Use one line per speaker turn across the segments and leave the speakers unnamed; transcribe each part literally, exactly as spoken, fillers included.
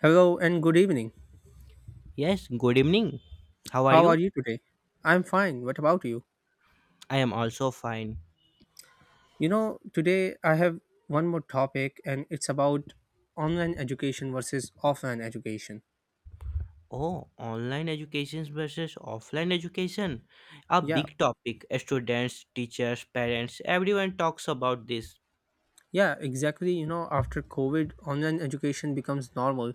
Hello and good evening.
Yes, good evening. How are
How are
you?
you today? I'm fine. What about you?
I am also fine.
You know, today I have one more topic, and it's about online education versus offline education.
Oh, online education versus offline education. A
Yeah.
big topic. Students, teachers, parents, everyone talks about this.
Yeah, exactly. You know, after COVID, online education becomes normal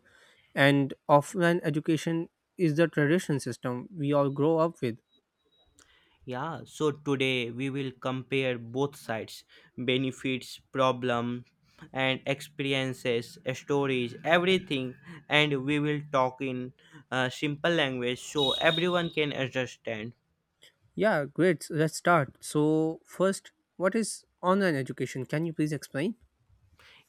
and offline education is the tradition system we all grow up with.
Yeah, so today we will compare both sides benefits, problem, and experiences, stories, everything. And we will talk in uh, simple language so everyone can understand.
Yeah, great. Let's start. So, first, what is online education? Can you please explain?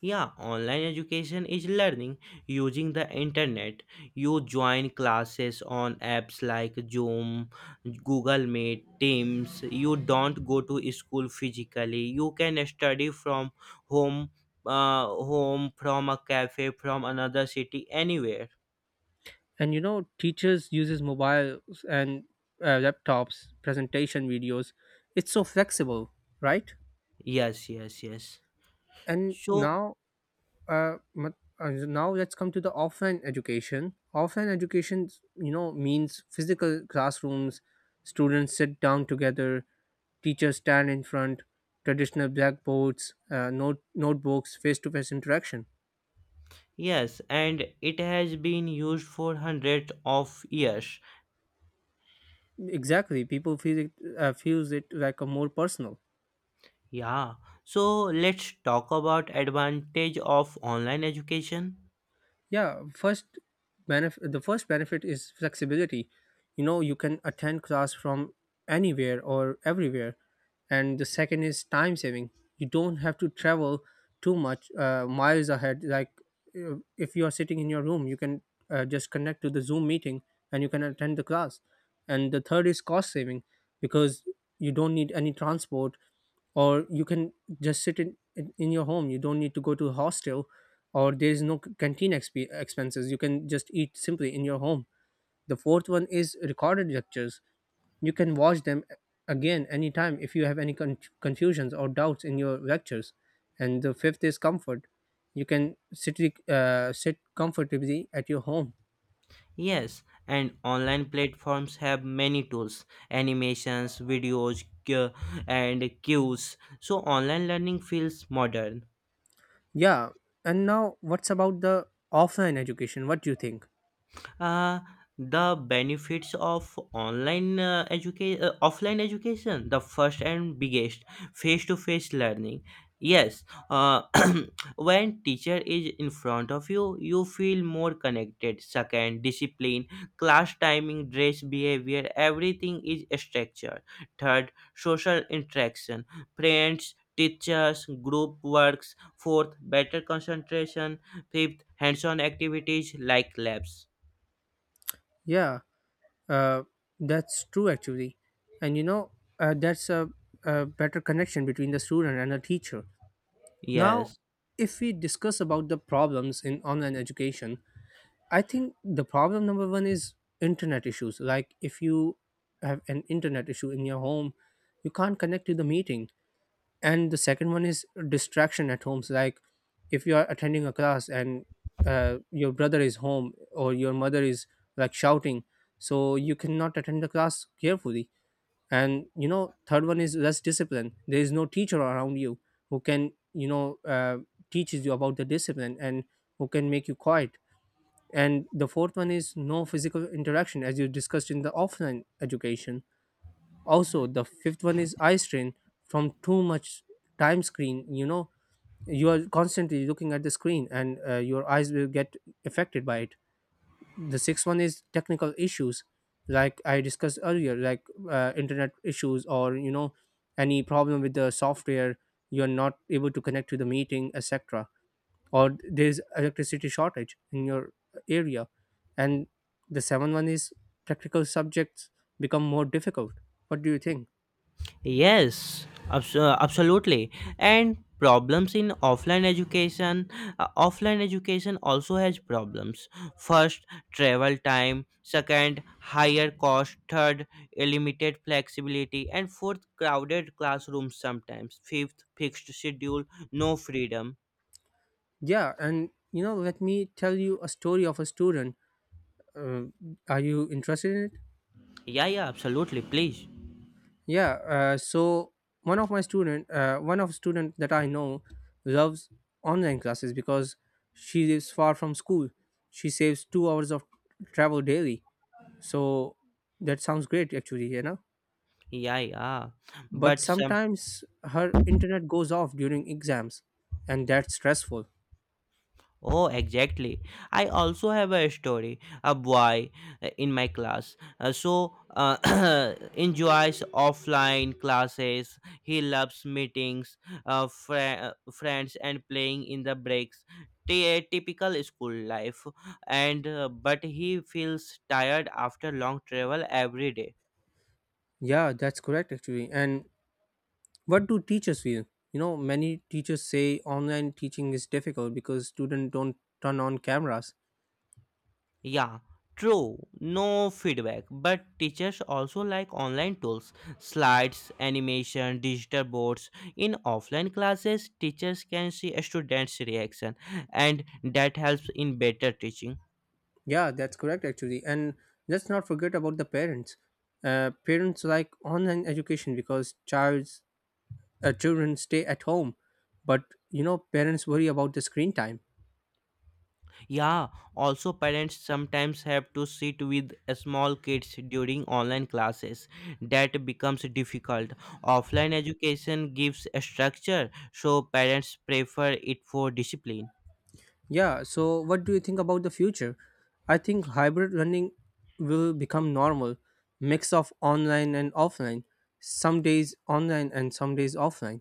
Yeah, online education is learning using the internet. You join classes on apps like Zoom, Google Meet, Teams. You don't go to school physically. You can study from home, uh, home from a cafe, from another city, anywhere.
And you know teachers uses mobiles and uh, laptops, presentation videos. It's so flexible, right?
Yes, yes, yes.
and
So,
now uh, mat- uh, now let's come to the offline education. Offline education you know means physical classrooms. Students sit down together, teachers stand in front, traditional blackboards, uh, note, notebooks, face-to-face interaction.
yes, and it has been used for hundreds of years.
Exactly, people feel it uh, feels it like a more personal.
Yeah, so let's talk about advantage of online education.
Yeah, first benefit the first benefit is flexibility. You know, you can attend class from anywhere or everywhere. And the second is time saving. You don't have to travel too much uh, miles ahead. Like, uh, if you are sitting in your room, you can uh, just connect to the Zoom meeting and you can attend the class. And the third is cost saving because you don't need any transport, or you can just sit in in, in your home. You don't need to go to a hostel, or there is no c- canteen exp- expenses. You can just eat simply in your home. The fourth one is recorded lectures. You can watch them again anytime if you have any con- confusions or doubts in your lectures. And the fifth is comfort. You can sit rec- uh, sit comfortably at your home.
Yes, and online platforms have many tools, animations, videos, cu- and cues. So online learning feels modern.
Yeah, and now what's about the offline education? What do you think?
uh, the benefits of online uh, educa- uh, offline education, the first and biggest, face to face learning. Yes. uh, when teacher is in front of you, you feel more connected. Second, discipline, class timing, dress, behavior, everything is structured. Third, social interaction, friends, teachers, group works. Fourth, better concentration. Fifth, hands-on activities like labs.
Yeah. Uh, that's true, actually. And you know, uh, that's a, a better connection between the student and the teacher. Now,
Yes,
if we discuss about the problems in online education, I think the problem number one is internet issues. Like, if you have an internet issue in your home, you can't connect to the meeting. And the second one is distraction at homes. Like, if you are attending a class and uh, your brother is home, or your mother is like shouting, so you cannot attend the class carefully. And you know third one is less discipline. There is no teacher around you who can you know uh, teaches you about the discipline and who can make you quiet. And the fourth one is no physical interaction, as you discussed in the offline education. Also, the fifth one is eye strain from too much time screen. You know you are constantly looking at the screen, and uh, your eyes will get affected by it. The sixth one is technical issues, like I discussed earlier. Like, uh, internet issues, or you know any problem with the software. You're not able to connect to the meeting, etc., or there's electricity shortage in your area. And the seventh one is practical subjects become more difficult. What do you think?
yes, abs- uh, absolutely. And problems in offline education. Uh, offline education also has problems. First, travel time. Second, higher cost. Third, limited flexibility. And fourth, crowded classrooms sometimes. Fifth, fixed schedule, no freedom.
Yeah, and you know, let me tell you a story of a student. Uh, are you interested in it?
Yeah, yeah, absolutely. Please.
Yeah. Uh, so one of my student, uh, one of student that I know, loves online classes because she lives far from school. She saves two hours of travel daily. So that sounds great, actually. You know,
Yeah, yeah.
but
But some.
sometimes her internet goes off during exams, and that's stressful.
Oh, exactly. I also have a story. A boy uh, in my class. Uh, so uh, enjoys offline classes. He loves meetings, uh, fri- uh, friends, and playing in the breaks. Ty- typical school life. And uh, but he feels tired after long travel every day.
Yeah, that's correct actually. And what do teachers feel? You know many teachers say online teaching is difficult because students don't turn on cameras.
Yeah, true, no feedback. But teachers also like online tools, slides, animation, digital boards. In offline classes, teachers can see a students' reaction, and that helps in better teaching.
Yeah, that's correct actually. And let's not forget about the parents. Uh, parents like online education because child's uh, children stay at home, but you know parents worry about the screen time.
Yeah, also, parents sometimes have to sit with a small kids during online classes. That becomes difficult. Offline education gives a structure, so parents prefer it for discipline.
Yeah, so what do you think about the future? I think hybrid learning will become normal. Mix of online and offline, some days online and some days offline.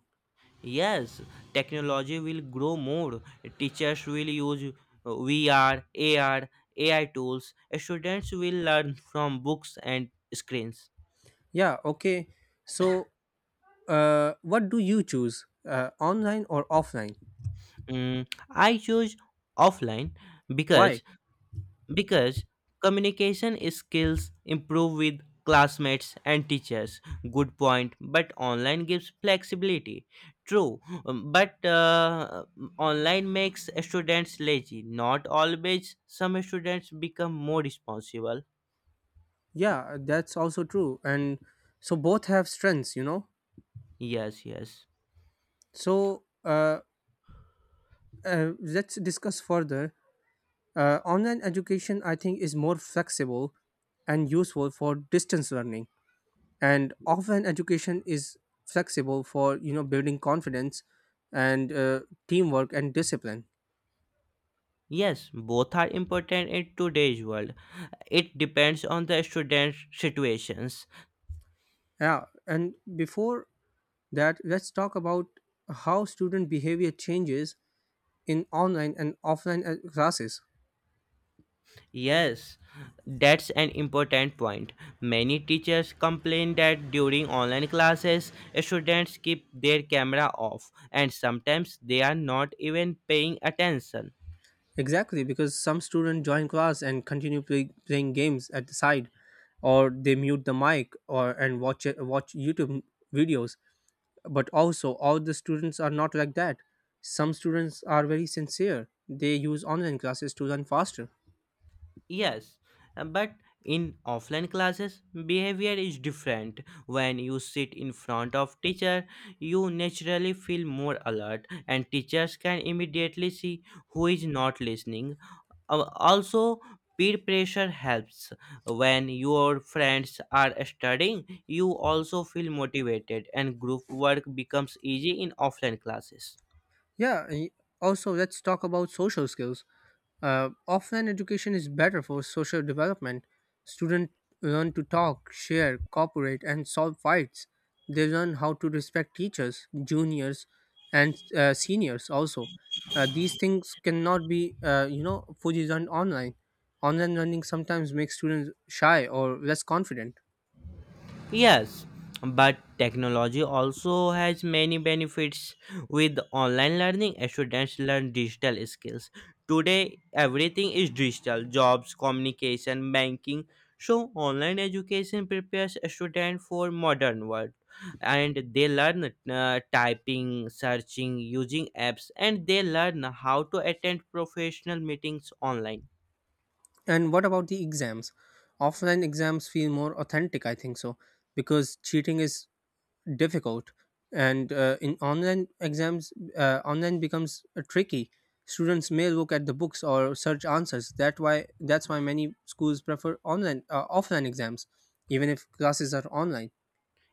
Yes, technology will grow more. Teachers will use uh, V R, A R, A I tools. Students will learn from books and screens.
Yeah, okay. So, uh, what do you choose, uh, online or offline?
Mm, I choose offline
Why?
because because communication skills improve with classmates and teachers. Good point, but online gives flexibility. True. Um, but uh, Online makes students lazy. Not always, some students become more responsible.
Yeah, that's also true. And so both have strengths, you know.
Yes, yes,
So, uh, uh, let's discuss further. Uh, online education, I think, is more flexible and useful for distance learning, and offline education is flexible for you know building confidence and uh, teamwork and discipline.
yes, both are important in today's world. It depends on the student situations.
Yeah, and before that, let's talk about how student behavior changes in online and offline uh, classes.
Yes, that's an important point. Many teachers complain that during online classes, students keep their camera off and sometimes they are not even paying attention.
Exactly, because some students join class and continue play, playing games at the side, or they mute the mic or and watch it- watch YouTube videos. But also, all the students are not like that. Some students are very sincere. They use online classes to learn faster.
Yes, uh, but in offline classes, behavior is different. When you sit in front of teacher, you naturally feel more alert and teachers can immediately see who is not listening. Uh, Also, peer pressure helps. When your friends are studying, you also feel motivated and group work becomes easy in offline classes.
Yeah, y- also, let's talk about social skills. Uh, offline education is better for social development. Students learn to talk, share, cooperate, and solve fights. They learn how to respect teachers, juniors, and uh, seniors also. Uh, these things cannot be uh, you know, fully done online. Online learning sometimes makes students shy or less confident.
Yes, but technology also has many benefits. With online learning, students learn digital skills. Today, everything is digital jobs, communication, banking. So, online education prepares students for modern world and they learn uh, typing, searching, using apps, and they learn how to attend professional meetings online.
And what about the exams? Offline exams feel more authentic, I think so, because cheating is difficult. And uh, in online exams, uh, online becomes uh, tricky. Students may look at the books or search answers, that why that's why many schools prefer online uh, offline exams even if classes are online.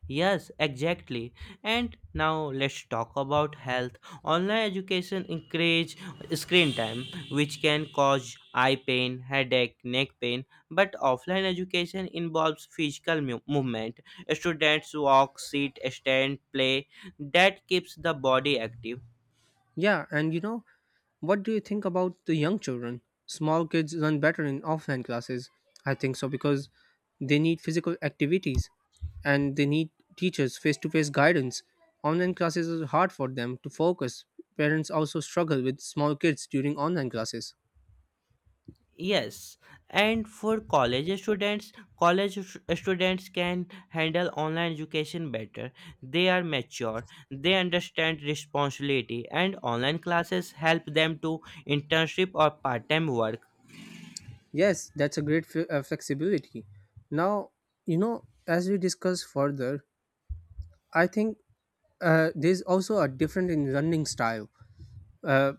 Yes, exactly. And now let's talk about health. Online education encourage screen time, which can cause eye pain, headache, neck pain. But offline education involves physical mu- movement. Students walk, sit, stand, play. That keeps the body active.
Yeah, and you know what do you think about the young children? Small kids learn better in offline classes. I think so because they need physical activities, and they need teachers face to face guidance. Online classes are hard for them to focus. Parents also struggle with small kids during online classes.
Yes, and for college students, college stu- students can handle online education better. They are mature, they understand responsibility, and online classes help them to internship or part time work.
Yes, that's a great f- uh, flexibility. Now, you know, as we discuss further, I think uh, there's also a different in learning style. Uh,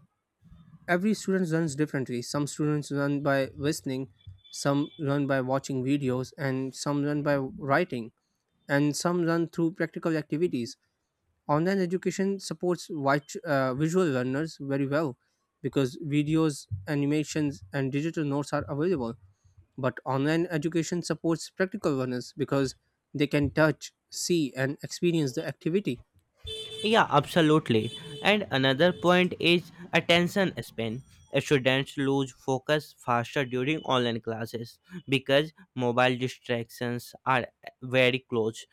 every student learns differently. Some students learn by listening, some learn by watching videos, and some learn by writing, and some learn through practical activities. Online education supports white, uh, visual learners very well because videos, animations, and digital notes are available. But online education supports practical learners because they can touch, see, and experience the activity.
Yeah, absolutely. And another point is attention span. Students lose focus faster during online classes because mobile distractions are very close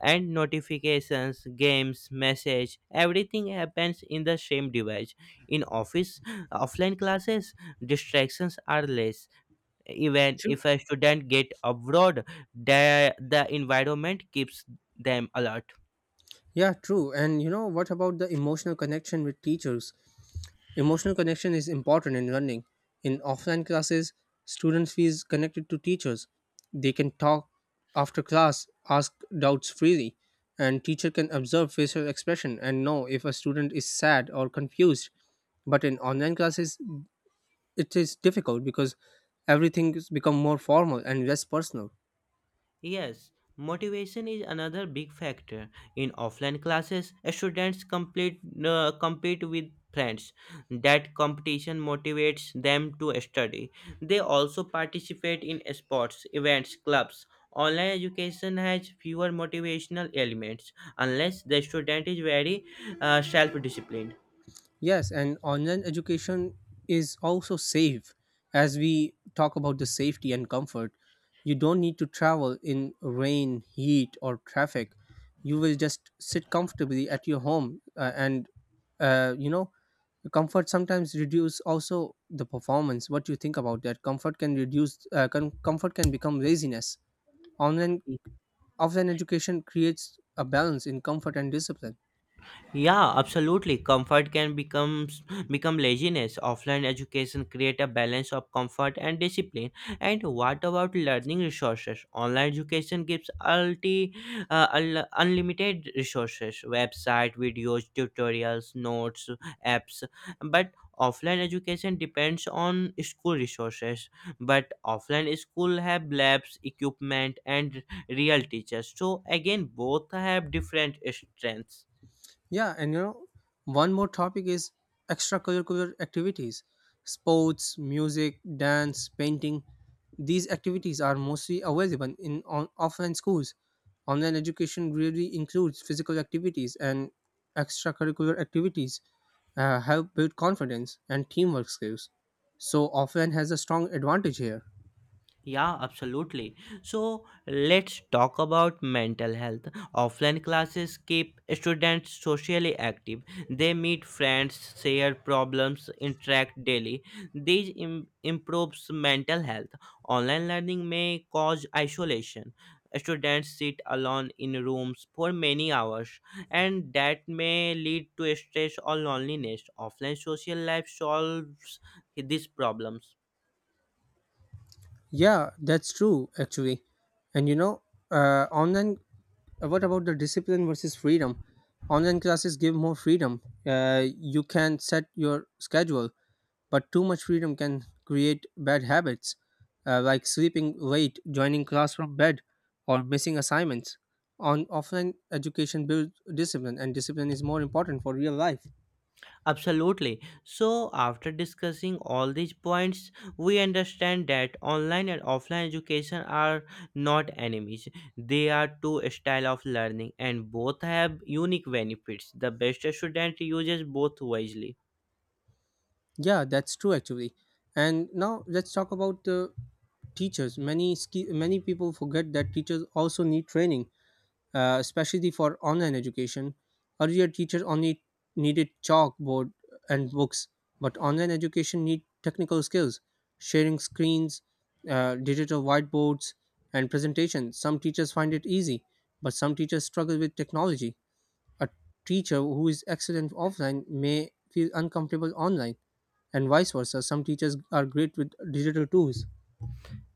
and notifications, games, message, everything happens in the same device. In office offline classes, distractions are less. Even
True.
if a student get abroad, the the environment keeps them alert.
Yeah, true. And you know, what about the emotional connection with teachers? Emotional connection is important in learning. In offline classes, students feel connected to teachers. They can talk after class, ask doubts freely, and teacher can observe facial expression and know if a student is sad or confused. But in online classes, it is difficult because everything has become more formal and less personal.
Yes, motivation is another big factor. In offline classes, students complete, uh, compete with friends. That competition motivates them to study. They also participate in sports, events, clubs. Online education has fewer motivational elements unless the student is very uh, self disciplined.
Yes, and online education is also safe. As we talk about the safety and comfort, you don't need to travel in rain, heat, or traffic. You will just sit comfortably at your home, uh, and uh, you know comfort sometimes reduce also the performance. What do you think about that? Comfort can reduce. Uh, com- comfort can become laziness. Online offline education creates a balance in comfort and discipline.
Yeah, absolutely. Comfort can become become laziness. Offline education create a balance of comfort and discipline. And what about learning resources? Online education gives ulti, uh, unl- unlimited resources, website, videos, tutorials, notes, apps. But offline education depends on school resources. But offline school have labs, equipment, and real teachers. So again, both have different strengths.
Yeah, and you know, one more topic is extracurricular activities, sports, music, dance, painting. These activities are mostly available in on- offline schools. Online education really includes physical activities, and extracurricular activities uh, help build confidence and teamwork skills. So, offline has a strong advantage here.
Yeah, absolutely. So let's talk about mental health. Offline classes keep students socially active. They meet friends, share problems, interact daily. This im- improves mental health. Online learning may cause isolation. Students sit alone in rooms for many hours, and that may lead to stress or loneliness. Offline social life solves these problems.
Yeah, that's true actually. And you know, uh, online. Uh, What about the discipline versus freedom? Online classes give more freedom. Uh, you can set your schedule, but too much freedom can create bad habits, uh, like sleeping late, joining class from bed, or missing assignments. On offline education builds discipline, and discipline is more important for real life.
Absolutely. So, after discussing all these points, we understand that online and offline education are not enemies. They are two styles of learning and both have unique benefits. The best student uses both wisely.
Yeah, that's true actually. And now let's talk about the teachers. Many ski- many people forget that teachers also need training, uh, especially for online education. Earlier, teachers only needed chalkboard and books, but online education need technical skills, sharing screens, uh, digital whiteboards, and presentations. Some teachers find it easy, but some teachers struggle with technology. A teacher who is excellent offline may feel uncomfortable online and vice versa. Some teachers are great with digital tools.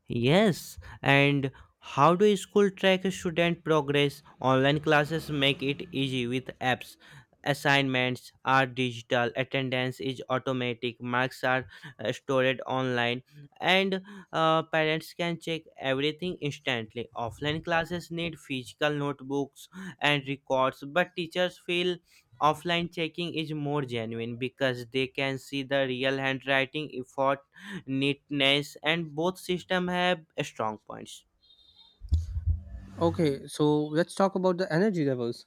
Yes, and how do school track student progress? Online classes make it easy with apps. Assignments are digital, attendance is automatic, marks are uh, stored online, and uh, parents can check everything instantly. Offline classes need physical notebooks and records, but teachers feel offline checking is more genuine because they can see the real handwriting effort, neatness, and both system have strong points.
Okay, so let's talk about the energy levels.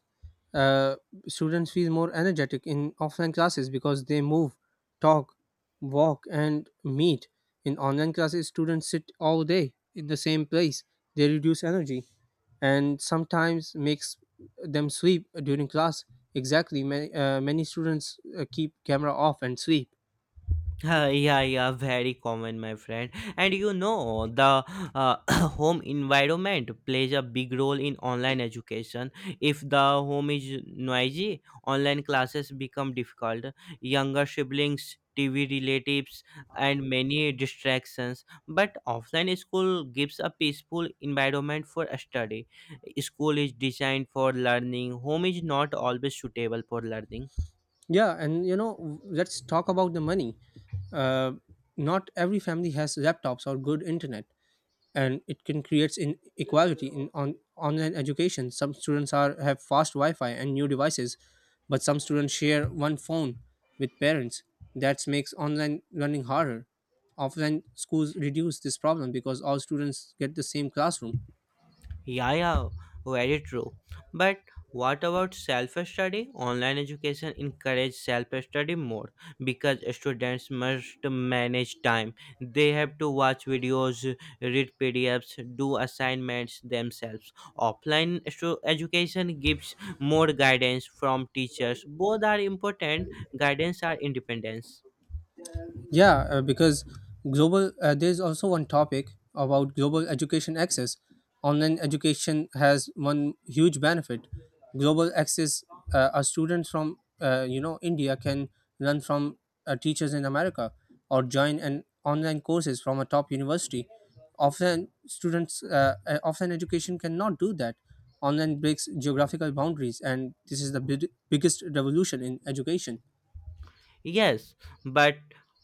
Uh, Students feel more energetic in offline classes because they move, talk, walk, and meet. In online classes, students sit all day in the same place. They reduce energy and sometimes makes them sleep during class. Exactly, many, uh, many students uh, keep camera off and sleep.
Uh, yeah, yeah, very common, my friend. And you know, the uh, home environment plays a big role in online education. If the home is noisy, online classes become difficult. Younger siblings, T V relatives, and many distractions. But offline school gives a peaceful environment for study. School is designed for learning, home is not always suitable for learning.
Yeah, and you know, w- let's talk about the money. Uh, Not every family has laptops or good internet, and it can create inequality in on online education. Some students are have fast Wi-Fi and new devices, but some students share one phone with parents. That makes online learning harder. Offline schools reduce this problem because all students get the same classroom.
Yeah, yeah, very true. But what about self study? Online education encourages self study more because students must manage time. They have to watch videos, read P D Fs, do assignments themselves. Offline stu- education gives more guidance from teachers. Both are important. Guidance are independence.
Yeah, uh, because global uh, there's also one topic about global education access. Online education has one huge benefit. Global access, uh, a student from uh, you know India can learn from uh, teachers in America or join an online courses from a top university. Often students, uh, uh, often education cannot do that. Online breaks geographical boundaries, and this is the big, biggest revolution in education.
Yes, but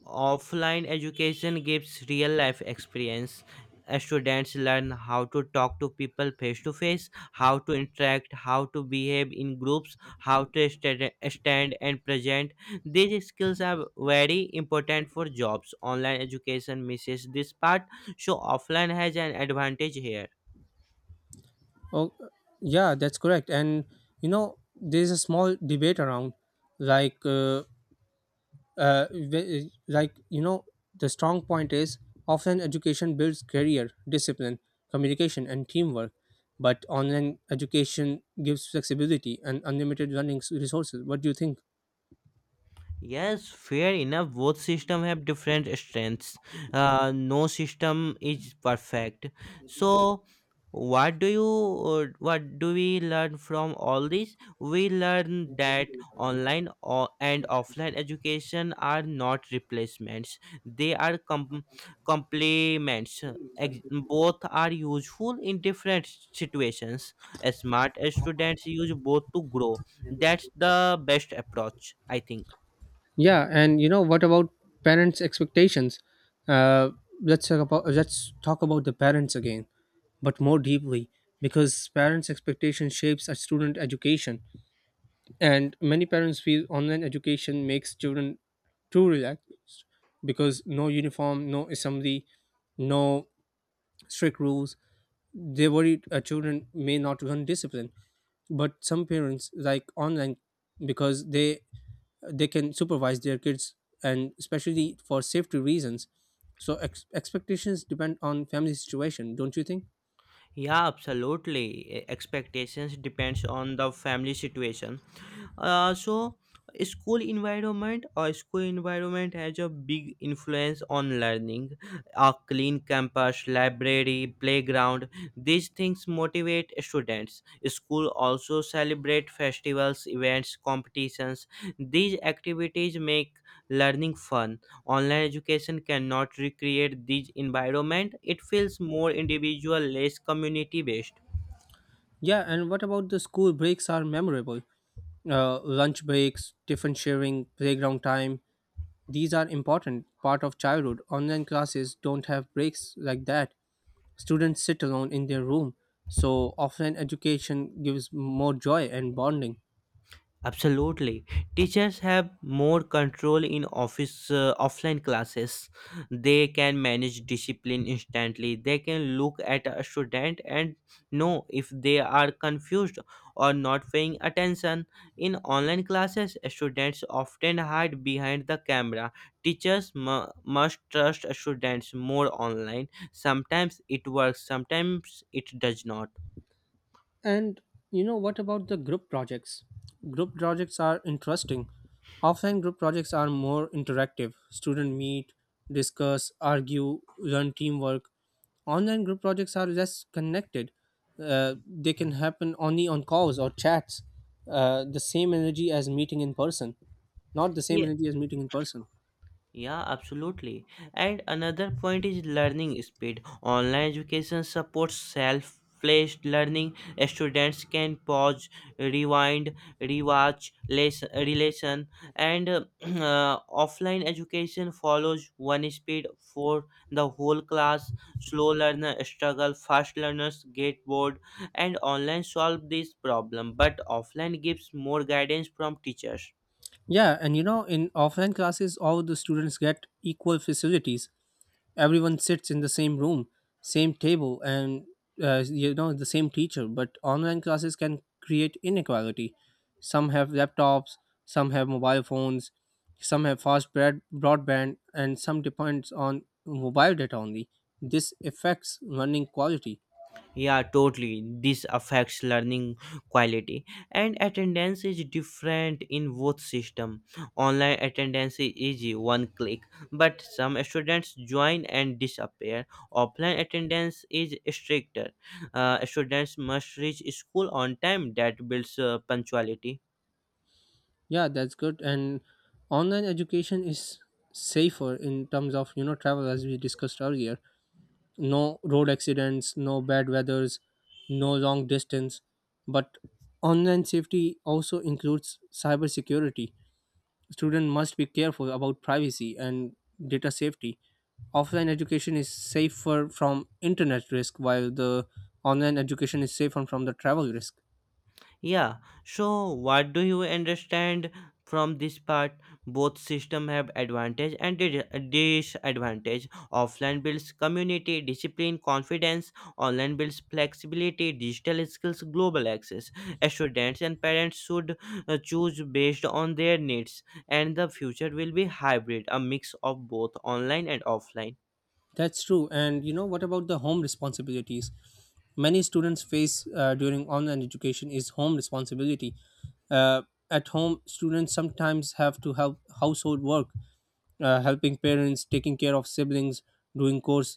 offline education gives real life experience. Uh, Students learn how to talk to people face to face, how to interact, how to behave in groups, how to stand stand and present. These skills are very important for jobs. Online education misses this part, so offline has an advantage here.
Oh, yeah, that's correct. And you know, there's a small debate around, like, uh, uh, wh- like you know, the strong point is often education builds career, discipline, communication, and teamwork, but online education gives flexibility and unlimited learning s- resources. What do you think?
Yes, fair enough. Both systems have different strengths. Uh, no system is perfect. So, what do you uh, what do we learn from all this? We learn that online o- and offline education are not replacements. They are com- complements. Ex- Both are useful in different situations. Smart students use both to grow. That's the best approach, I think.
Yeah, and you know what about parents' expectations? Uh, let's talk about let's talk about the parents again, but more deeply, because parents' expectation shapes a student education, and many parents feel online education makes children too relaxed because no uniform, no assembly, no strict rules. They worry uh, children may not learn discipline, but some parents like online because they they can supervise their kids, and especially for safety reasons. So ex- expectations depend on family situation, don't you think?
Yeah, absolutely. E- Expectations depends on the family situation. Uh, so, school environment or school environment has a big influence on learning. A clean campus, library, playground, these things motivate students. School also celebrate festivals, events, competitions. These activities make learning fun. Online education cannot recreate this environment. It feels more individual, less community based.
Yeah, and what about the school breaks are memorable? Uh, lunch breaks, tiffin sharing, playground time. These are important part of childhood. Online classes don't have breaks like that. Students sit alone in their room, so offline education gives more joy and bonding.
Absolutely. Teachers have more control in office uh, offline classes. They can manage discipline instantly. They can look at a student and know if they are confused or not paying attention. In online classes, students often hide behind the camera. Teachers mu must trust students more online. Sometimes it works, sometimes it does not.
And you know what about the group projects? Group projects are interesting. Offline group projects are more interactive. Students meet, discuss, argue, learn teamwork. Online group projects are less connected. Uh, they can happen only on calls or chats. Uh, the same energy as meeting in person, not the same
Yeah,
energy as meeting in person.
Yeah, absolutely. And another point is learning speed. Online education supports self paced learning. Students can pause, rewind, rewatch, lesson, relation, and uh, uh, offline education follows one speed for the whole class. Slow learner struggle, fast learners get bored, and online solve this problem. But offline gives more guidance from teachers.
Yeah, and you know, in offline classes, all the students get equal facilities. Everyone sits in the same room, same table, and uh, you know, the same teacher. But online classes can create inequality. Some have laptops, some have mobile phones, some have fast broad- broadband, and some depends on mobile data only. This affects learning quality.
Yeah, totally, this affects learning quality. And attendance is different in both system. Online attendance is easy, one click, but some students join and disappear. Offline attendance is stricter. Uh, students must reach school on time, that builds uh, punctuality.
Yeah, that's good. And online education is safer in terms of you know travel, as we discussed earlier. No road accidents, no bad weathers, no long distance. But online safety also includes cybersecurity. Students must be careful about privacy and data safety. Offline education is safer from internet risk, while the online education is safer from the travel risk.
Yeah, so what do you understand from this part? Both system have advantage and di- disadvantage. Offline builds community, discipline, confidence. Online builds flexibility, digital skills, global access. Students and parents should uh, choose based on their needs, and the future will be hybrid, a mix of both online and offline.
That's true. And you know, what about the home responsibilities? Many students face uh, during online education is home responsibility. Uh, at home, students sometimes have to help household work, uh, helping parents, taking care of siblings, doing course,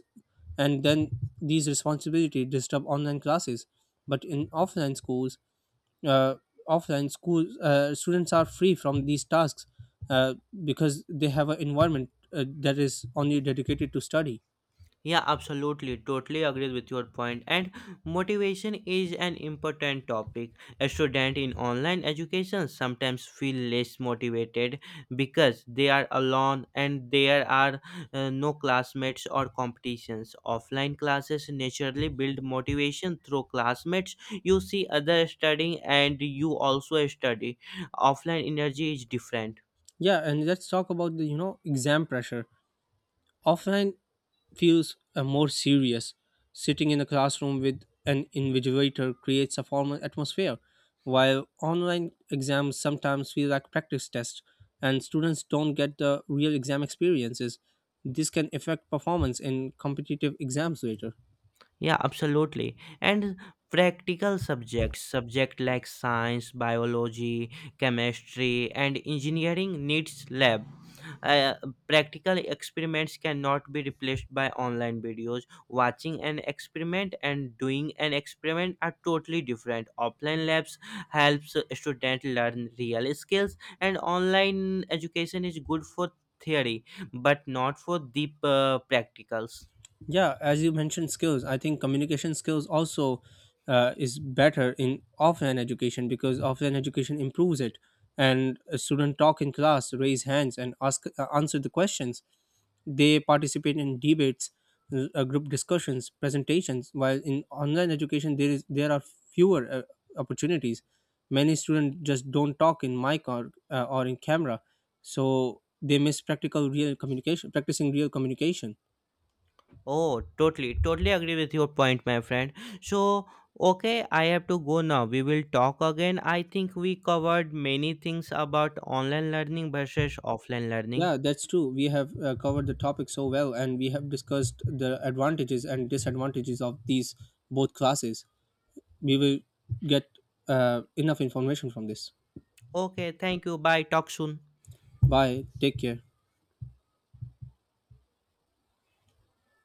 and then these responsibility disturb online classes. But in offline schools, uh, offline schools, uh, students are free from these tasks uh, because they have an environment uh, that is only dedicated to study.
Yeah, absolutely. Totally agrees with your point. And motivation is an important topic. A student in online education sometimes feel less motivated because they are alone and there are uh, no classmates or competitions. Offline classes naturally build motivation through classmates. You see other studying and you also study. Offline energy is different.
Yeah, and let's talk about the you know exam pressure. Offline feels uh, more serious. Sitting in a classroom with an invigilator creates a formal atmosphere, while online exams sometimes feel like practice tests, and students don't get the real exam experiences. This can affect performance in competitive exams later.
Yeah, absolutely. And practical subjects, subject like science, biology, chemistry, and engineering needs lab. Uh, practical experiments cannot be replaced by online videos. Watching an experiment and doing an experiment are totally different. Offline labs helps students learn real skills, and online education is good for theory but not for deep uh, practicals.
Yeah, as you mentioned skills, I think communication skills also uh, is better in offline education, because offline education improves it, and a student talk in class, raise hands, and ask uh, answer the questions. They participate in debates, l- uh, group discussions, presentations, while in online education there is there are fewer uh, opportunities. Many students just don't talk in mic or, uh, or in camera, so they miss practical real communication practicing real communication.
Oh, totally, totally agree with your point, my friend. So, okay, I have to go now. We will talk again. I think we covered many things about online learning versus offline learning.
Yeah, that's true. We have uh, covered the topic so well, and we have discussed the advantages and disadvantages of these both classes. We will get uh, enough information from this.
Okay, thank you. Bye. Talk soon.
Bye. Take care.